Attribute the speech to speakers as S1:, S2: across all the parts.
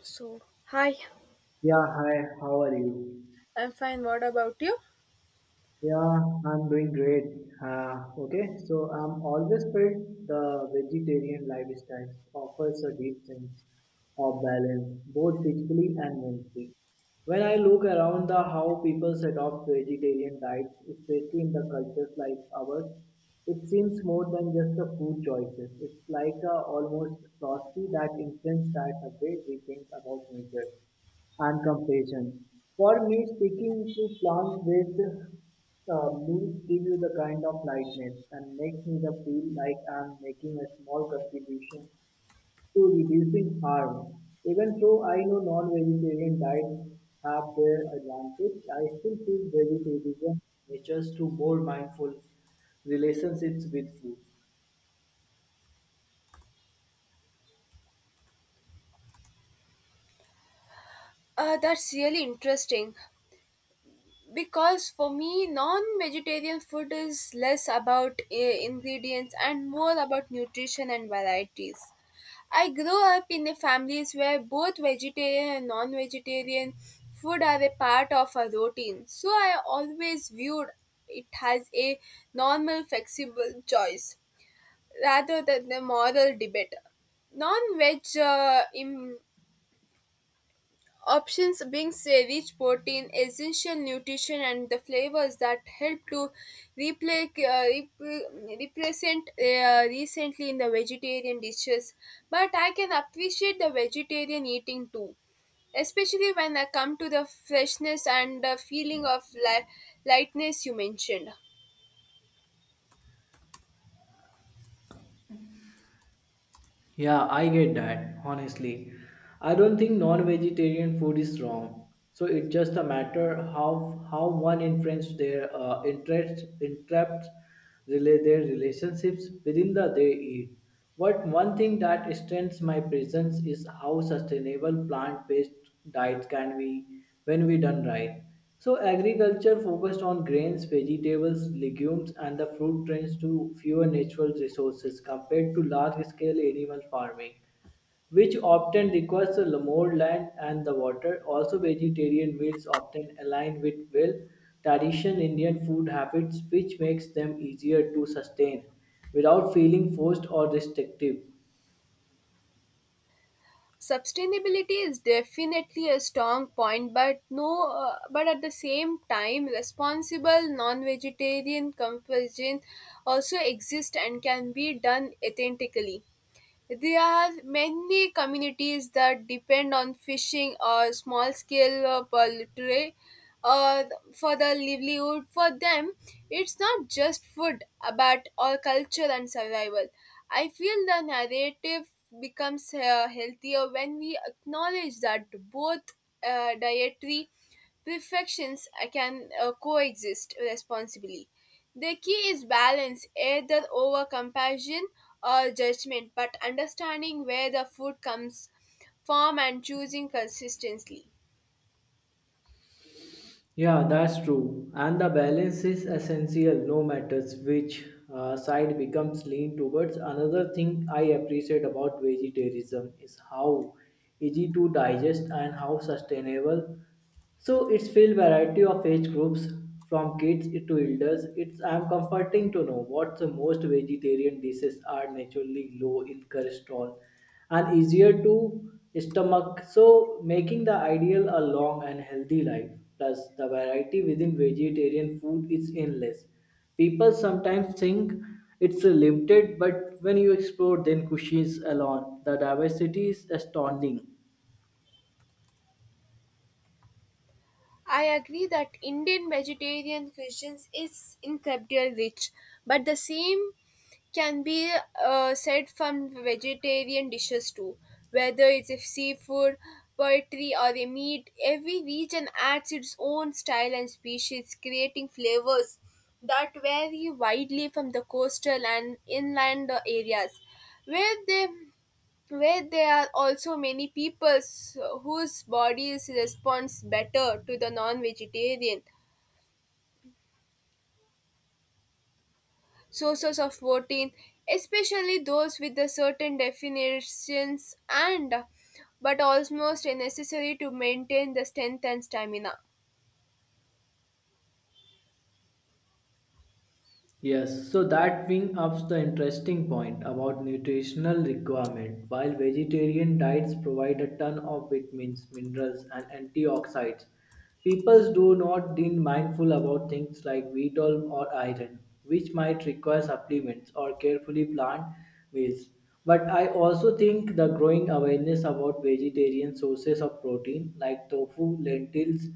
S1: So, hi,
S2: Yeah, hi, how are you?
S1: I'm fine. What about you?
S2: Yeah, I'm doing great. Okay, so I'm always felt the vegetarian lifestyle offers a deep sense of balance, both physically and mentally. When I look around the how people adopt vegetarian diets, especially in the cultures like ours, it seems more than just a food choices. It's like a almost philosophy that influences that the way we think about nature and compassion. For me, sticking to plant-based meals give you the kind of lightness and makes me the feel like I'm making a small contribution to reducing harm. Even though I know non-vegetarian diets have their advantage, I still feel vegetarianism nurtures to more mindful relationships with food.
S1: That's really interesting because for me, non vegetarian food is less about ingredients and more about nutrition and varieties. I grew up in a families where both vegetarian and non vegetarian food are a part of a routine, so I always viewed it as a normal, flexible choice rather than a moral debate. non-veg uh, Im- Options brings a rich protein, essential nutrition, and the flavors that help to represent recently in the vegetarian dishes. But I can appreciate the vegetarian eating too, especially when I come to the freshness and the feeling of lightness you mentioned.
S2: Yeah, I get that, honestly. I don't think non-vegetarian food is wrong. So it's just a matter how one influences their interest, interrupt relate their relationships within the they eat. But one thing that strengthens my presence is how sustainable plant-based diets can be when we done right. So, agriculture focused on grains, vegetables, legumes, and the fruit trends to fewer natural resources compared to large scale animal farming, which often requires a more land and the water. Also, vegetarian meals often align with well tradition Indian food habits, which makes them easier to sustain without feeling forced or restrictive.
S1: Sustainability is definitely a strong point, but no but at the same time responsible non-vegetarian conversion also exist and can be done authentically. There are many communities that depend on fishing or small scale poultry uh, for the livelihood. For them, it's not just food but all culture and survival. I feel the narrative becomes healthier when we acknowledge that both dietary perfections can coexist responsibly. The key is balance, either over compassion or judgment, but understanding where the food comes from and choosing consistently.
S2: Yeah, that's true. And the balance is essential no matters which side becomes lean towards. Another thing I appreciate about vegetarianism is how easy to digest and how sustainable. So it's full variety of age groups from kids to elders. It's I'm comforting to know what the most vegetarian dishes are naturally low in cholesterol and easier to stomach. So, making the ideal a long and healthy life. Plus, the variety within vegetarian food is endless. People sometimes think it's limited, but when you explore then cuisines alone, the diversity is astounding.
S1: I agree that Indian vegetarian cuisine is incredibly rich, but the same can be said from vegetarian dishes too. Whether it's a seafood, poultry, or a meat, every region adds its own style and species, creating flavors that vary widely from the coastal and inland areas, where they where there are also many peoples whose bodies responds better to the non-vegetarian sources of protein, especially those with the certain definitions and but almost necessary to maintain the strength and stamina.
S2: Yes, so that brings up the interesting point about nutritional requirement. While vegetarian diets provide a ton of vitamins, minerals, and antioxidants, people do not being mindful about things like wheat oil or iron, which might require supplements or carefully planned meals. But I also think the growing awareness about vegetarian sources of protein like tofu, lentils,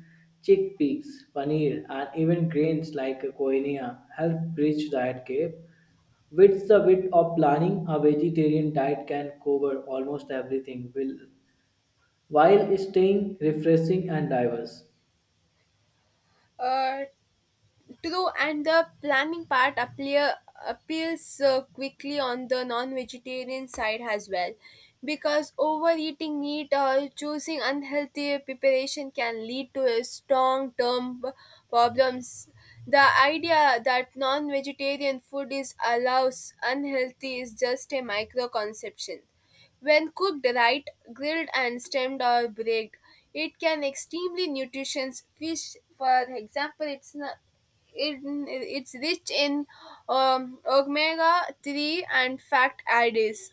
S2: Chickpeas, paneer, and even grains like quinoa help bridge that gap. With the bit of planning, a vegetarian diet can cover almost everything while staying refreshing and diverse.
S1: uh, True, and the appeals quickly on the non vegetarian side as well. Because overeating meat or choosing unhealthy preparation can lead to a problems. The idea that non vegetarian food is allows unhealthy is just a micro conception. When cooked right, grilled and steamed or baked, it can extremely nutritious. Fish, for example, it's not it, it's rich in omega 3 and fat additives,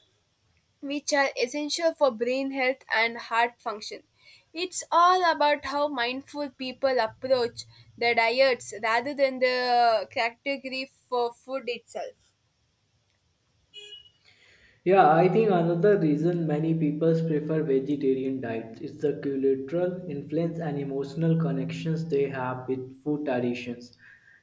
S1: which are essential for brain health and heart function. It's all about how mindful people approach their diets rather than the category for food itself.
S2: Yeah, I think another reason many people prefer vegetarian diets is the cultural influence and emotional connections they have with food traditions,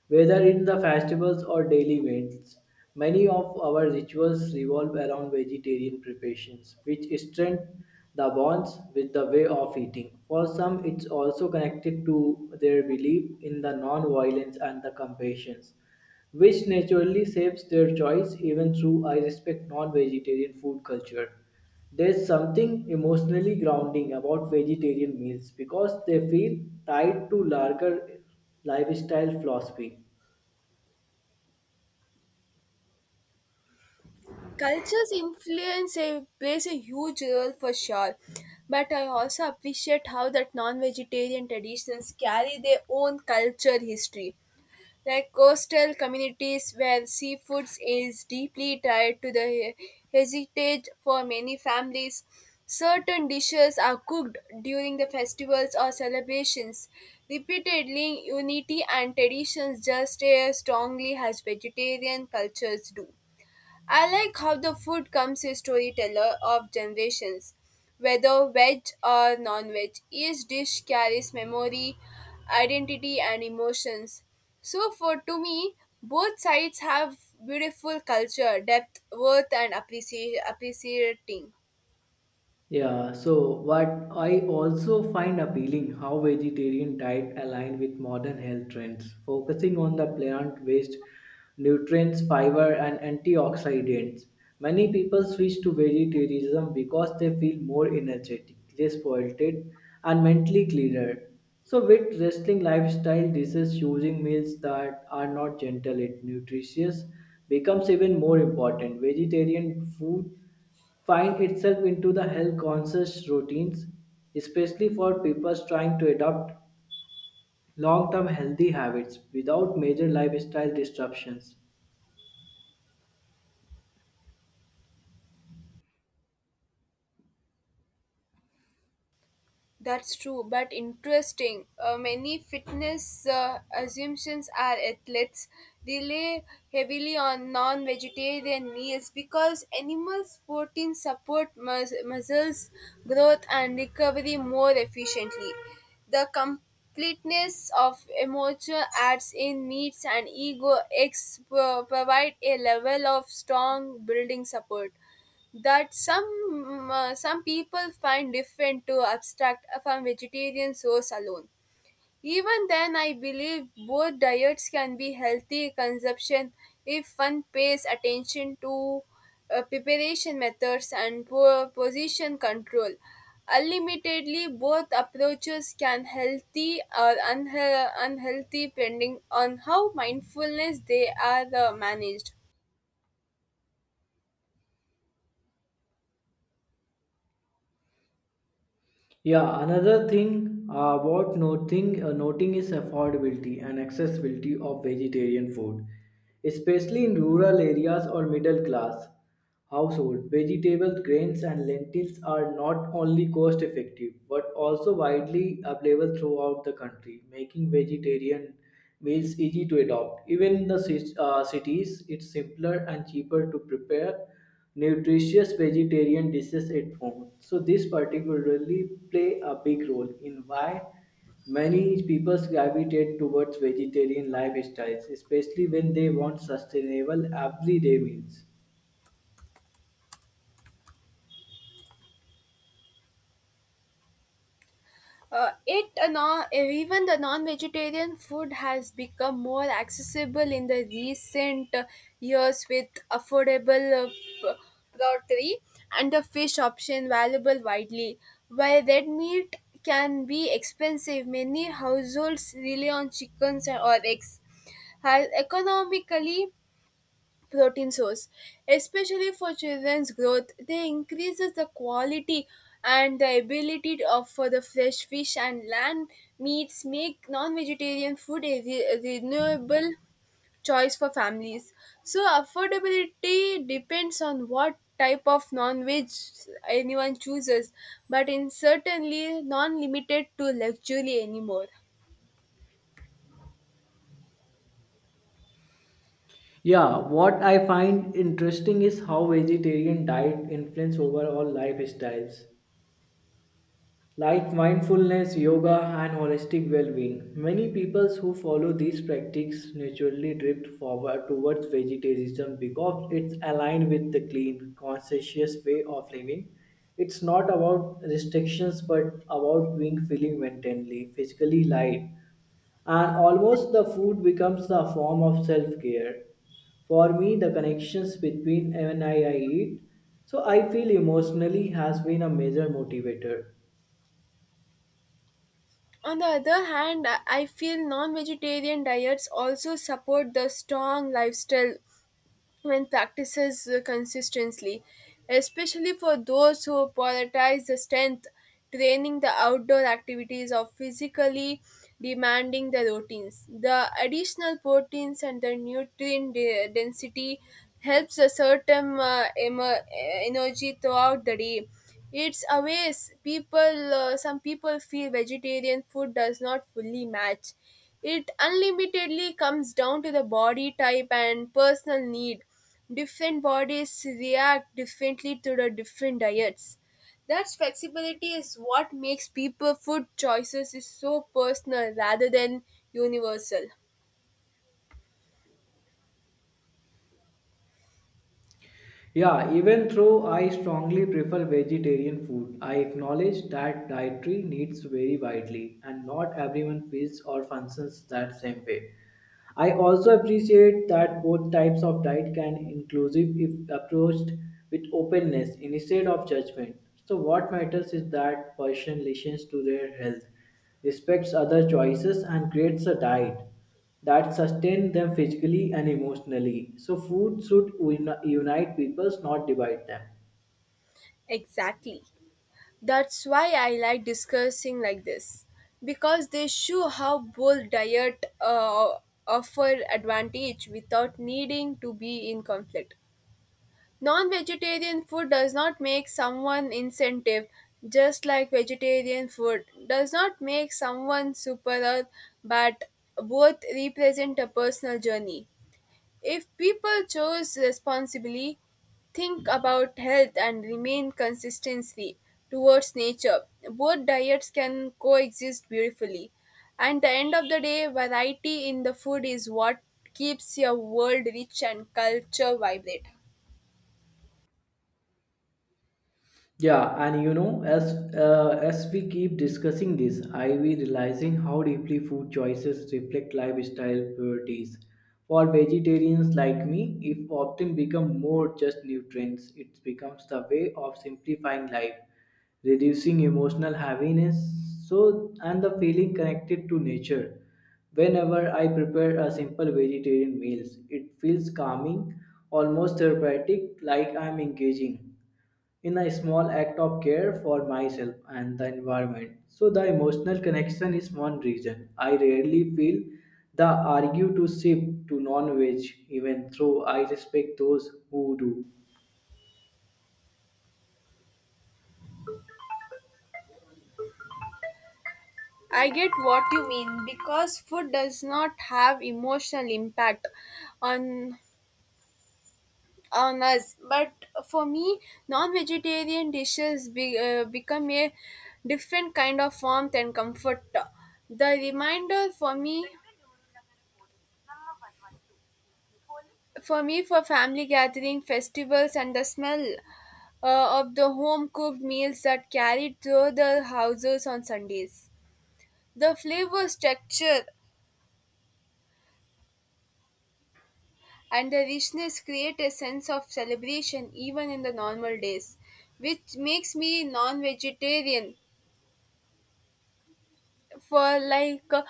S2: whether in the festivals or daily meals. Many of our rituals revolve around vegetarian preparations, which strengthen the bonds with the way of eating. For some, it's also connected to their belief in the non-violence and the compassion which naturally shapes their choice even through I respect non-vegetarian food culture. There's something emotionally grounding about vegetarian meals because they feel tied to larger lifestyle philosophy.
S1: Cultures influence a, plays a huge role for sure, but I also appreciate how that non-vegetarian traditions carry their own culture history, like coastal communities where seafoods is deeply tied to the heritage for many families. Certain dishes are cooked during the festivals or celebrations. Repeatedly, unity and traditions just as strongly as vegetarian cultures do. I like how the food comes a storyteller of generations. Whether veg or non veg, each dish carries memory, identity, and emotions. So, for to me, both sides have beautiful culture, depth, worth, and appreciating.
S2: Yeah, so what I also find appealing how vegetarian diet align with modern health trends, focusing on the plant-based nutrients, fiber, and antioxidants. Many people switch to vegetarianism because they feel more energetic, less bloated, and mentally clearer. So, with wrestling lifestyle disease, choosing meals that are not gentle and nutritious becomes even more important. Vegetarian food find itself into the health conscious routines, especially for people trying to adopt long term healthy habits without major lifestyle disruptions.
S1: That's true, but interesting. Many fitness assumptions are athletes rely heavily on non vegetarian meals because animals' protein support muscles growth and recovery more efficiently. The completeness of emotional adds in meats and ego eggs provide a level of strong building support that some people find different to abstract from vegetarian source alone. Even then, I believe both diets can be healthy consumption if one pays attention to preparation methods and position control. Unlimitedly, both approaches can healthy or unhealthy depending on how mindfulness they are managed.
S2: Yeah, another thing worth noting, noting is affordability and accessibility of vegetarian food, especially in rural areas or middle class. Household, vegetables, grains, and lentils are not only cost effective but also widely available throughout the country, making vegetarian meals easy to adopt. Even in the cities, it's simpler and cheaper to prepare nutritious vegetarian dishes at home. So, this particularly play a big role in why many people gravitate towards vegetarian lifestyles, especially when they want sustainable everyday meals.
S1: Even the non-vegetarian food has become more accessible in the recent years with affordable poultry and the fish option available widely. While red meat can be expensive, many households rely on chickens or eggs. Has economically protein source, especially for children's growth they increases the quality and the ability of for the fresh fish and land meats make non-vegetarian a renewable choice for families. So affordability depends on what type of non-veg anyone chooses, but in certainly non-limited to luxury anymore.
S2: Yeah, what I find interesting is how vegetarian diet influence overall lifestyles like mindfulness, yoga and holistic well-being. Many peoples who follow these practices naturally drift forward towards vegetarianism because it's aligned with the clean, conscientious way of living. It's not about restrictions but about being feeling mentally, physically light and almost the food becomes a form of self-care for me the connections between when I eat so I feel emotionally has been a major motivator.
S1: On the other hand, I feel non vegetarian diets also support the strong lifestyle when practices consistently, especially for those who prioritize the strength, training the outdoor activities, or physically demanding the routines. The additional proteins and the nutrient density helps a certain energy throughout the day. It's a waste. Some people feel vegetarian food does not fully match. It unlimitedly comes down to the body type and personal need. Different bodies react differently to the different diets. That flexibility is what makes people food choices is so personal rather than universal.
S2: Yeah, even though I strongly prefer vegetarian food, I acknowledge that dietary needs vary widely and not everyone feels or functions that same way. I also appreciate that both types of diet can inclusive if approached with openness instead of judgment. So what matters is that person listens to their health, respects other choices and creates a diet that sustains them physically and emotionally. So food should unite people, not divide them.
S1: Exactly. That's why I like discussing like this because they show how both diet offer advantage without needing to be in conflict. Non-vegetarian food does not make someone incentive, just like vegetarian food does not make someone superior, but both represent a personal journey. If people chose responsibly, think about health and remain consistency towards nature, both diets can coexist beautifully. And the end of the day, variety in the food is what keeps your world rich and culture vibrant.
S2: Yeah, and you know, as we keep discussing this, I be realizing how deeply food choices reflect lifestyle priorities. For vegetarians like me, it often become more just nutrients, it becomes the way of simplifying life, reducing emotional heaviness, so and the feeling connected to nature. Whenever I prepare a simple vegetarian meals, it feels calming, almost therapeutic, like I'm engaging in a small act of care for myself and the environment. So the emotional connection is one reason I rarely feel the argue to shift to non-veg even though I respect those who do.
S1: I get what you mean because food does not have emotional impact on on us. But for me, non-vegetarian dishes become a different kind of warmth and comfort. The reminder for me, for family gathering, festivals, and the smell of the home-cooked meals that carried through the houses on Sundays. The flavor, structure, and the richness create a sense of celebration even in the normal days, which makes me non vegetarian for like uh,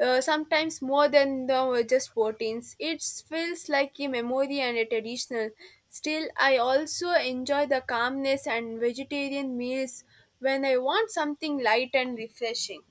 S1: uh, sometimes more than the just proteins. It feels like a memory and a traditional. Still I also enjoy the calmness and vegetarian meals when I want something light and refreshing.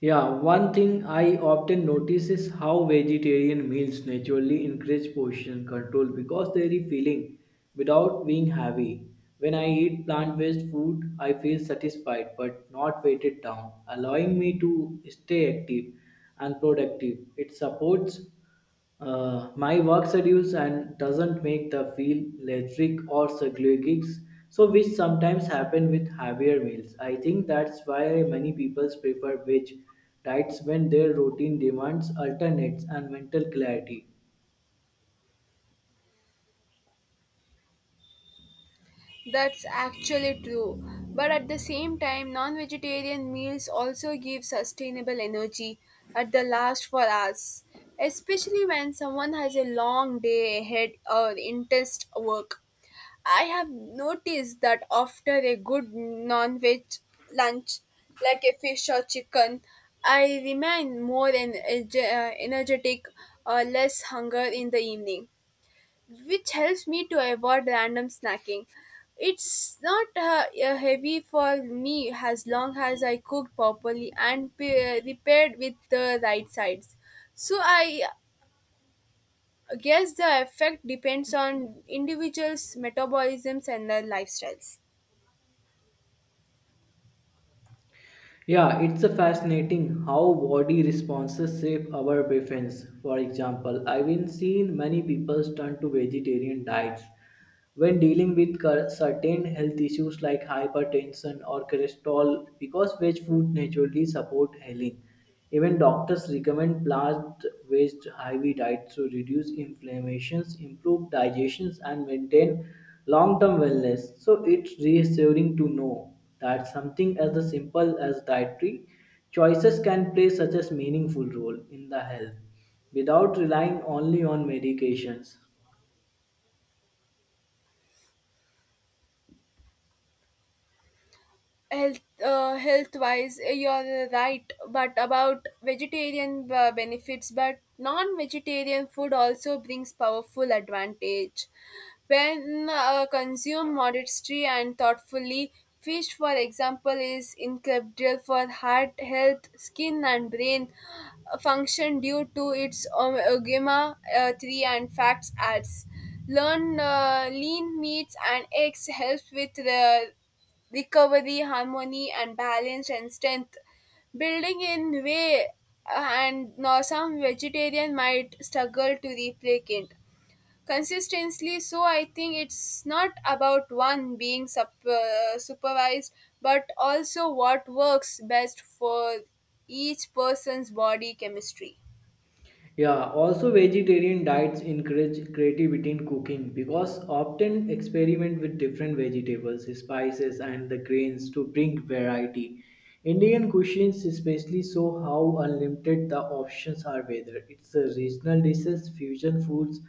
S2: Yeah, one thing I often notice is how vegetarian meals naturally encourage portion control because they are filling without being heavy. When I eat plant-based food, I feel satisfied but not weighted down, allowing me to stay active and productive. It supports my work schedules and doesn't make the feel lethargic or cyclic, so which sometimes happen with heavier meals. I think that's why many people prefer veg diets when their routine demands alternates and mental clarity.
S1: That's actually true. But at the same time, non-vegetarian meals also give sustainable energy at the last for us, especially when someone has a long day ahead or intense work. I have noticed that after a good non-veg lunch, like a fish or chicken, I remain more energetic or less hunger in the evening, which helps me to avoid random snacking. It's not heavy for me as long as I cooked properly and prepared with the right sides. So I guess the effect depends on individuals' metabolisms and their lifestyles.
S2: Yeah, it's a fascinating how body responses shape our preference. For example, I've been seen many people turn to vegetarian diets when dealing with certain health issues like hypertension or cholesterol because veg food naturally support healing. Even doctors recommend plant-based heavy diets to reduce inflammations, improve digestions, and maintain long-term wellness. So it's reassuring to know that something as the simple as dietary choices can play such a meaningful role in the health without relying only on medications.
S1: health Health wise you're right but about vegetarian benefits, but non-vegetarian food also brings powerful advantage when consumed modestly and thoughtfully. Fish, for example, is incredible for heart health, skin and brain function due to its omega 3 and fats adds. Learn Lean meats and eggs helps with the recovery, harmony, and balance and strength. Building in way and now some vegetarian might struggle to replicate consistently. So I think it's not about one being supervised, but also what works best for each person's body chemistry.
S2: Yeah, also vegetarian diets encourage creativity in cooking because often experiment with different vegetables, spices, and the grains to bring variety. Indian cuisines especially show how unlimited the options are, whether it's the regional dishes, fusion foods,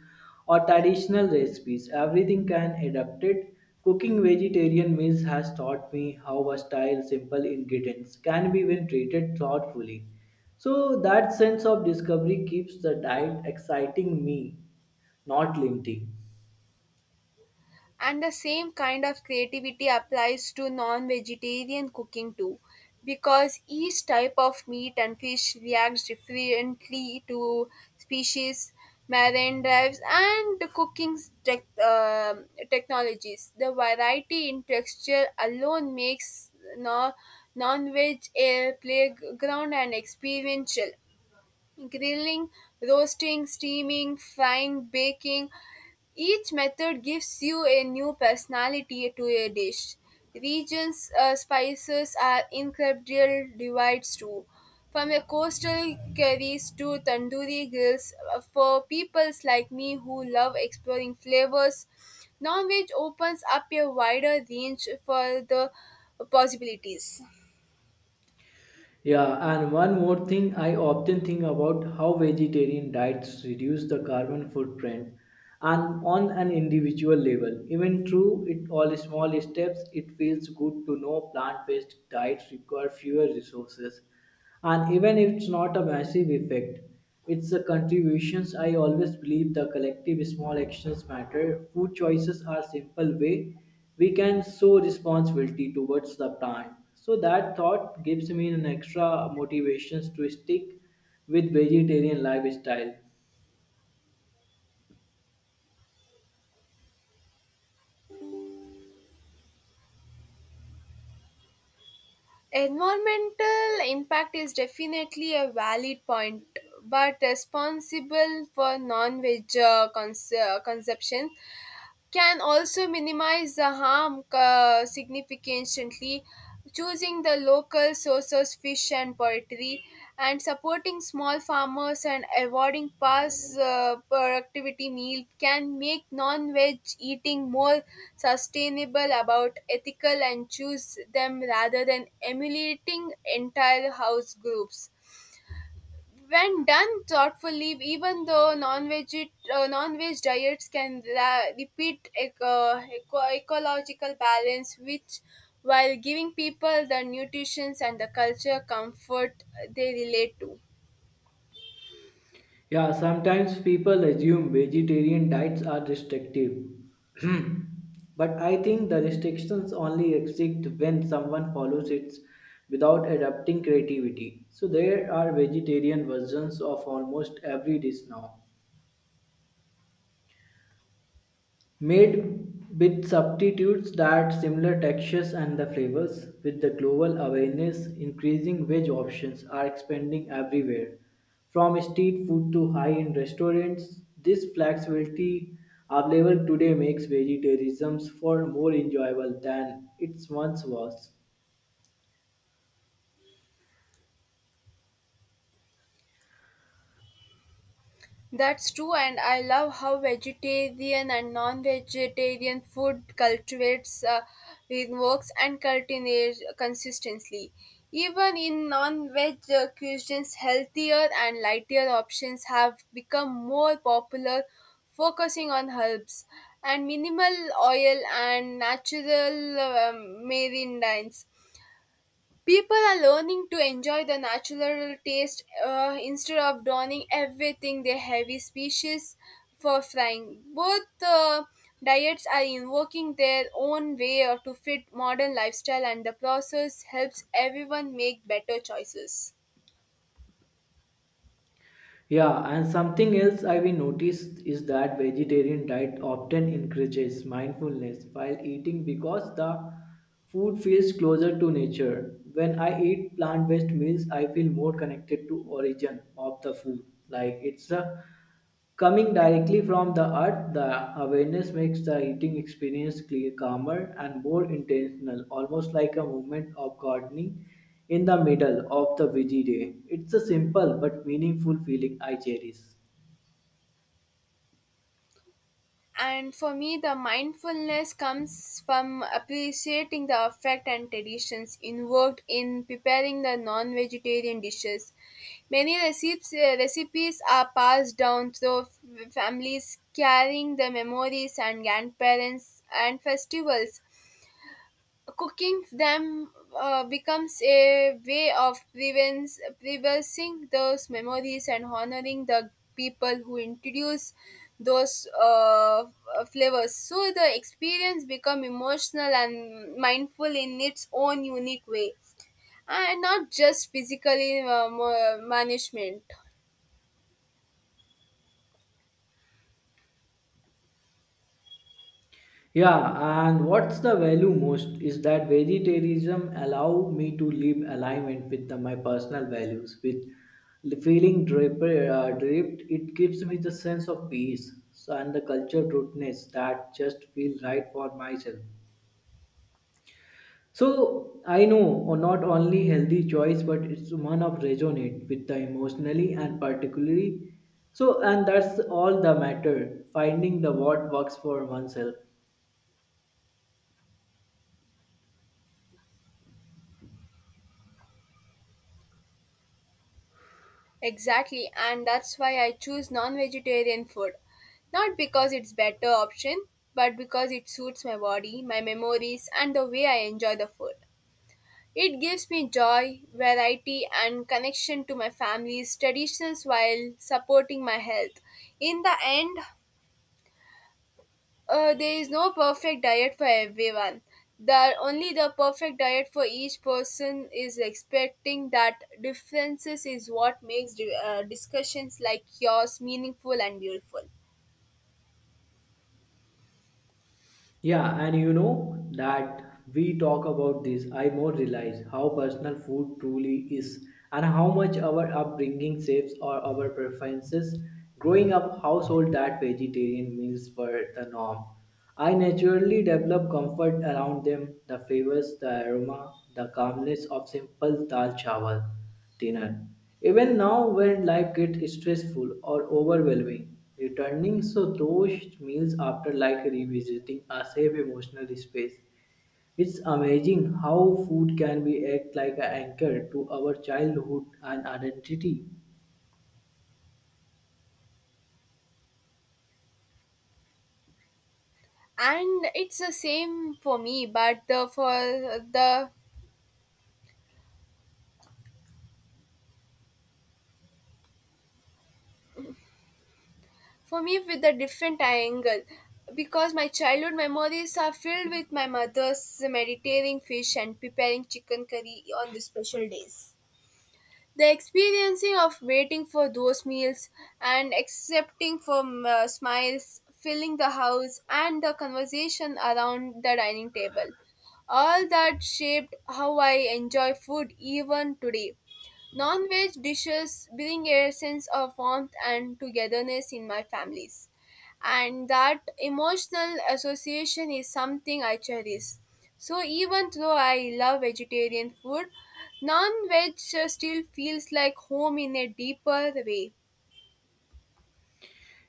S2: or traditional recipes. Everything can adapt it. Cooking vegetarian meals has taught me how versatile simple ingredients can be when treated thoughtfully. So that sense of discovery keeps the diet exciting me, not limiting.
S1: And the same kind of creativity applies to non vegetarian cooking too, because each type of meat and fish reacts differently to species, marine drives, and the cooking tech, um technologies. The variety in texture alone makes no, non veg a playground and experiential. Grilling, roasting, steaming, frying, baking, each method gives you a new personality to a dish. Regions' spices are incredible divides too. From a coastal curries to tandoori grills, for people like me who love exploring flavors, non-veg opens up a wider range for the possibilities.
S2: Yeah, and one more thing I often think about how vegetarian diets reduce the carbon footprint and on an individual level. Even through it all small steps, it feels good to know plant-based diets require fewer resources. And even if it's not a massive effect, it's the contributions. I always believe the collective small actions matter. Food choices are simple way we can show responsibility towards the plant. So that thought gives me an extra motivations to stick with vegetarian lifestyle.
S1: Environmental impact is definitely a valid point, but responsible for non veg consumption can also minimize the harm significantly. Choosing the local sources, fish and poultry, and supporting small farmers and avoiding past productivity meal can make non-veg eating more sustainable about ethical and choose them rather than emulating entire house groups. When done thoughtfully, even though non-veg diets can repeat ecological balance, which while giving people the nutrition and the culture comfort they relate to.
S2: Yeah, sometimes people assume vegetarian diets are restrictive. But I think the restrictions only exist when someone follows it without adapting creativity. So there are vegetarian versions of almost every dish now, made with substitutes that similar textures and the flavors. With the global awareness increasing, veg options are expanding everywhere from street food to high-end restaurants. This flexibility available today makes vegetarianism for more enjoyable than it once was.
S1: That's true, and I love how vegetarian and non-vegetarian food cultivates it works and cultivates consistently. Even in non-veg cuisines, healthier and lighter options have become more popular, focusing on herbs and minimal oil and natural marine. People are learning to enjoy the natural taste instead of donning everything they heavy species for frying. Both diets are invoking their own way to fit modern lifestyle, and the process helps everyone make better choices.
S2: Yeah, and something else I've noticed is that vegetarian diet often encourages mindfulness while eating because the food feels closer to nature. When I eat plant-based meals, I feel more connected to origin of the food, like it's a coming directly from the earth, the awareness makes the eating experience clear, calmer, and more intentional, almost like a moment of gardening in the middle of the busy day. It's a simple but meaningful feeling I cherish.
S1: And for me, the mindfulness comes from appreciating the effect and traditions involved in preparing the non-vegetarian dishes. Many recipes are passed down through families carrying the memories and grandparents and festivals. Cooking them becomes a way of preserving those memories and honoring the people who introduce those flavors. So the experience become emotional and mindful in its own unique way, and not just physically management.
S2: Yeah, and what's the value most is that vegetarianism allow me to live alignment with the, my personal values. With feeling draped, draped, it gives me the sense of peace so, and the culture rootness that just feel right for myself. So I know or not only healthy choice, but it's one of resonate with the emotionally and particularly. So and that's all the matter, finding the what works for oneself.
S1: Exactly, and that's why I choose non vegetarian food. Not because it's better option, but because it suits my body, my memories, and the way I enjoy the food. It gives me joy, variety, and connection to my family's traditions while supporting my health. In the end, there is no perfect diet for everyone. The only the perfect diet for each person is expecting that differences is what makes discussions like yours meaningful and beautiful.
S2: Yeah, and you know that we talk about this, I more realize how personal food truly is and how much our upbringing shapes or our preferences. Growing up household that vegetarian meals were the norm. I naturally developed comfort around them, the flavors, the aroma, the calmness of simple dal chawal dinner. Even now, when life gets stressful or overwhelming, returning so those meals after like revisiting a safe emotional space. It's amazing how food can be act like an anchor to our childhood and identity.
S1: And it's the same for me, but the for me with a different angle, because my childhood memories are filled with my mother's meditating fish and preparing chicken curry on the special days. The experiencing of waiting for those meals and accepting for smiles, filling the house, and the conversation around the dining table. All that shaped how I enjoy food even today. Non-veg dishes bring a sense of warmth and togetherness in my families, and that emotional association is something I cherish. So even though I love vegetarian food, non-veg still feels like home in a deeper way.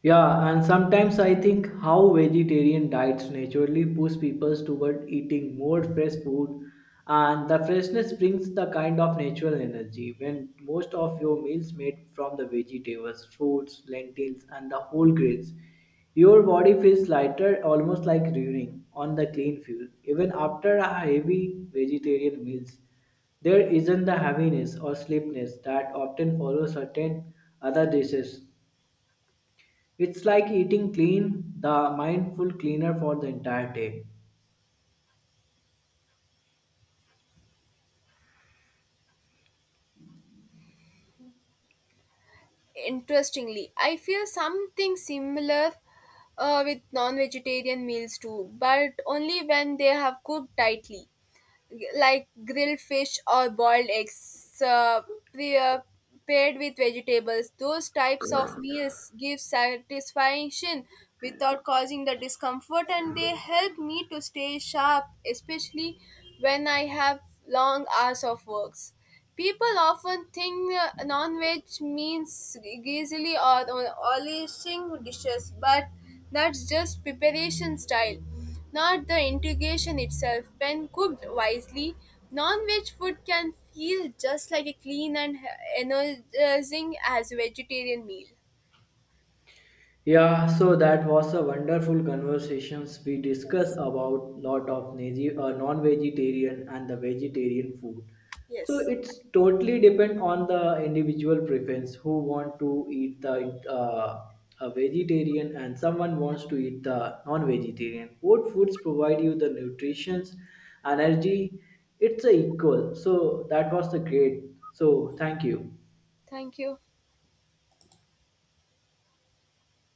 S2: Yeah, and sometimes I think how vegetarian diets naturally push people toward eating more fresh food, and the freshness brings the kind of natural energy when most of your meals made from the vegetables, fruits, lentils, and the whole grains. Your body feels lighter, almost like running on the clean fuel. Even after a heavy vegetarian meals, there isn't the heaviness or sleepiness that often follows certain other dishes. It's like eating clean, the mindful cleaner for the entire day.
S1: Interestingly, I feel something similar with non-vegetarian meals too, but only when they have cooked tightly. Like grilled fish or boiled eggs pre- uh, paired with vegetables, those types of meals give satisfaction without causing the discomfort, and they help me to stay sharp, especially when I have long hours of works. People often think non-veg means greasy or oily dishes, but that's just preparation style, not the integration itself. When cooked wisely, non-veg food can feel just like a clean and energizing as vegetarian meal.
S2: Yeah, so that was a wonderful conversations. We discussed
S1: Yes.
S2: about lot of non-vegetarian and the vegetarian food. So
S1: Yes.
S2: it's totally depend on the individual preference who want to eat the a vegetarian and someone wants to eat the non-vegetarian. Both foods provide you the nutritions, energy. It's a equal. So that was the great. So thank you.
S1: Thank you.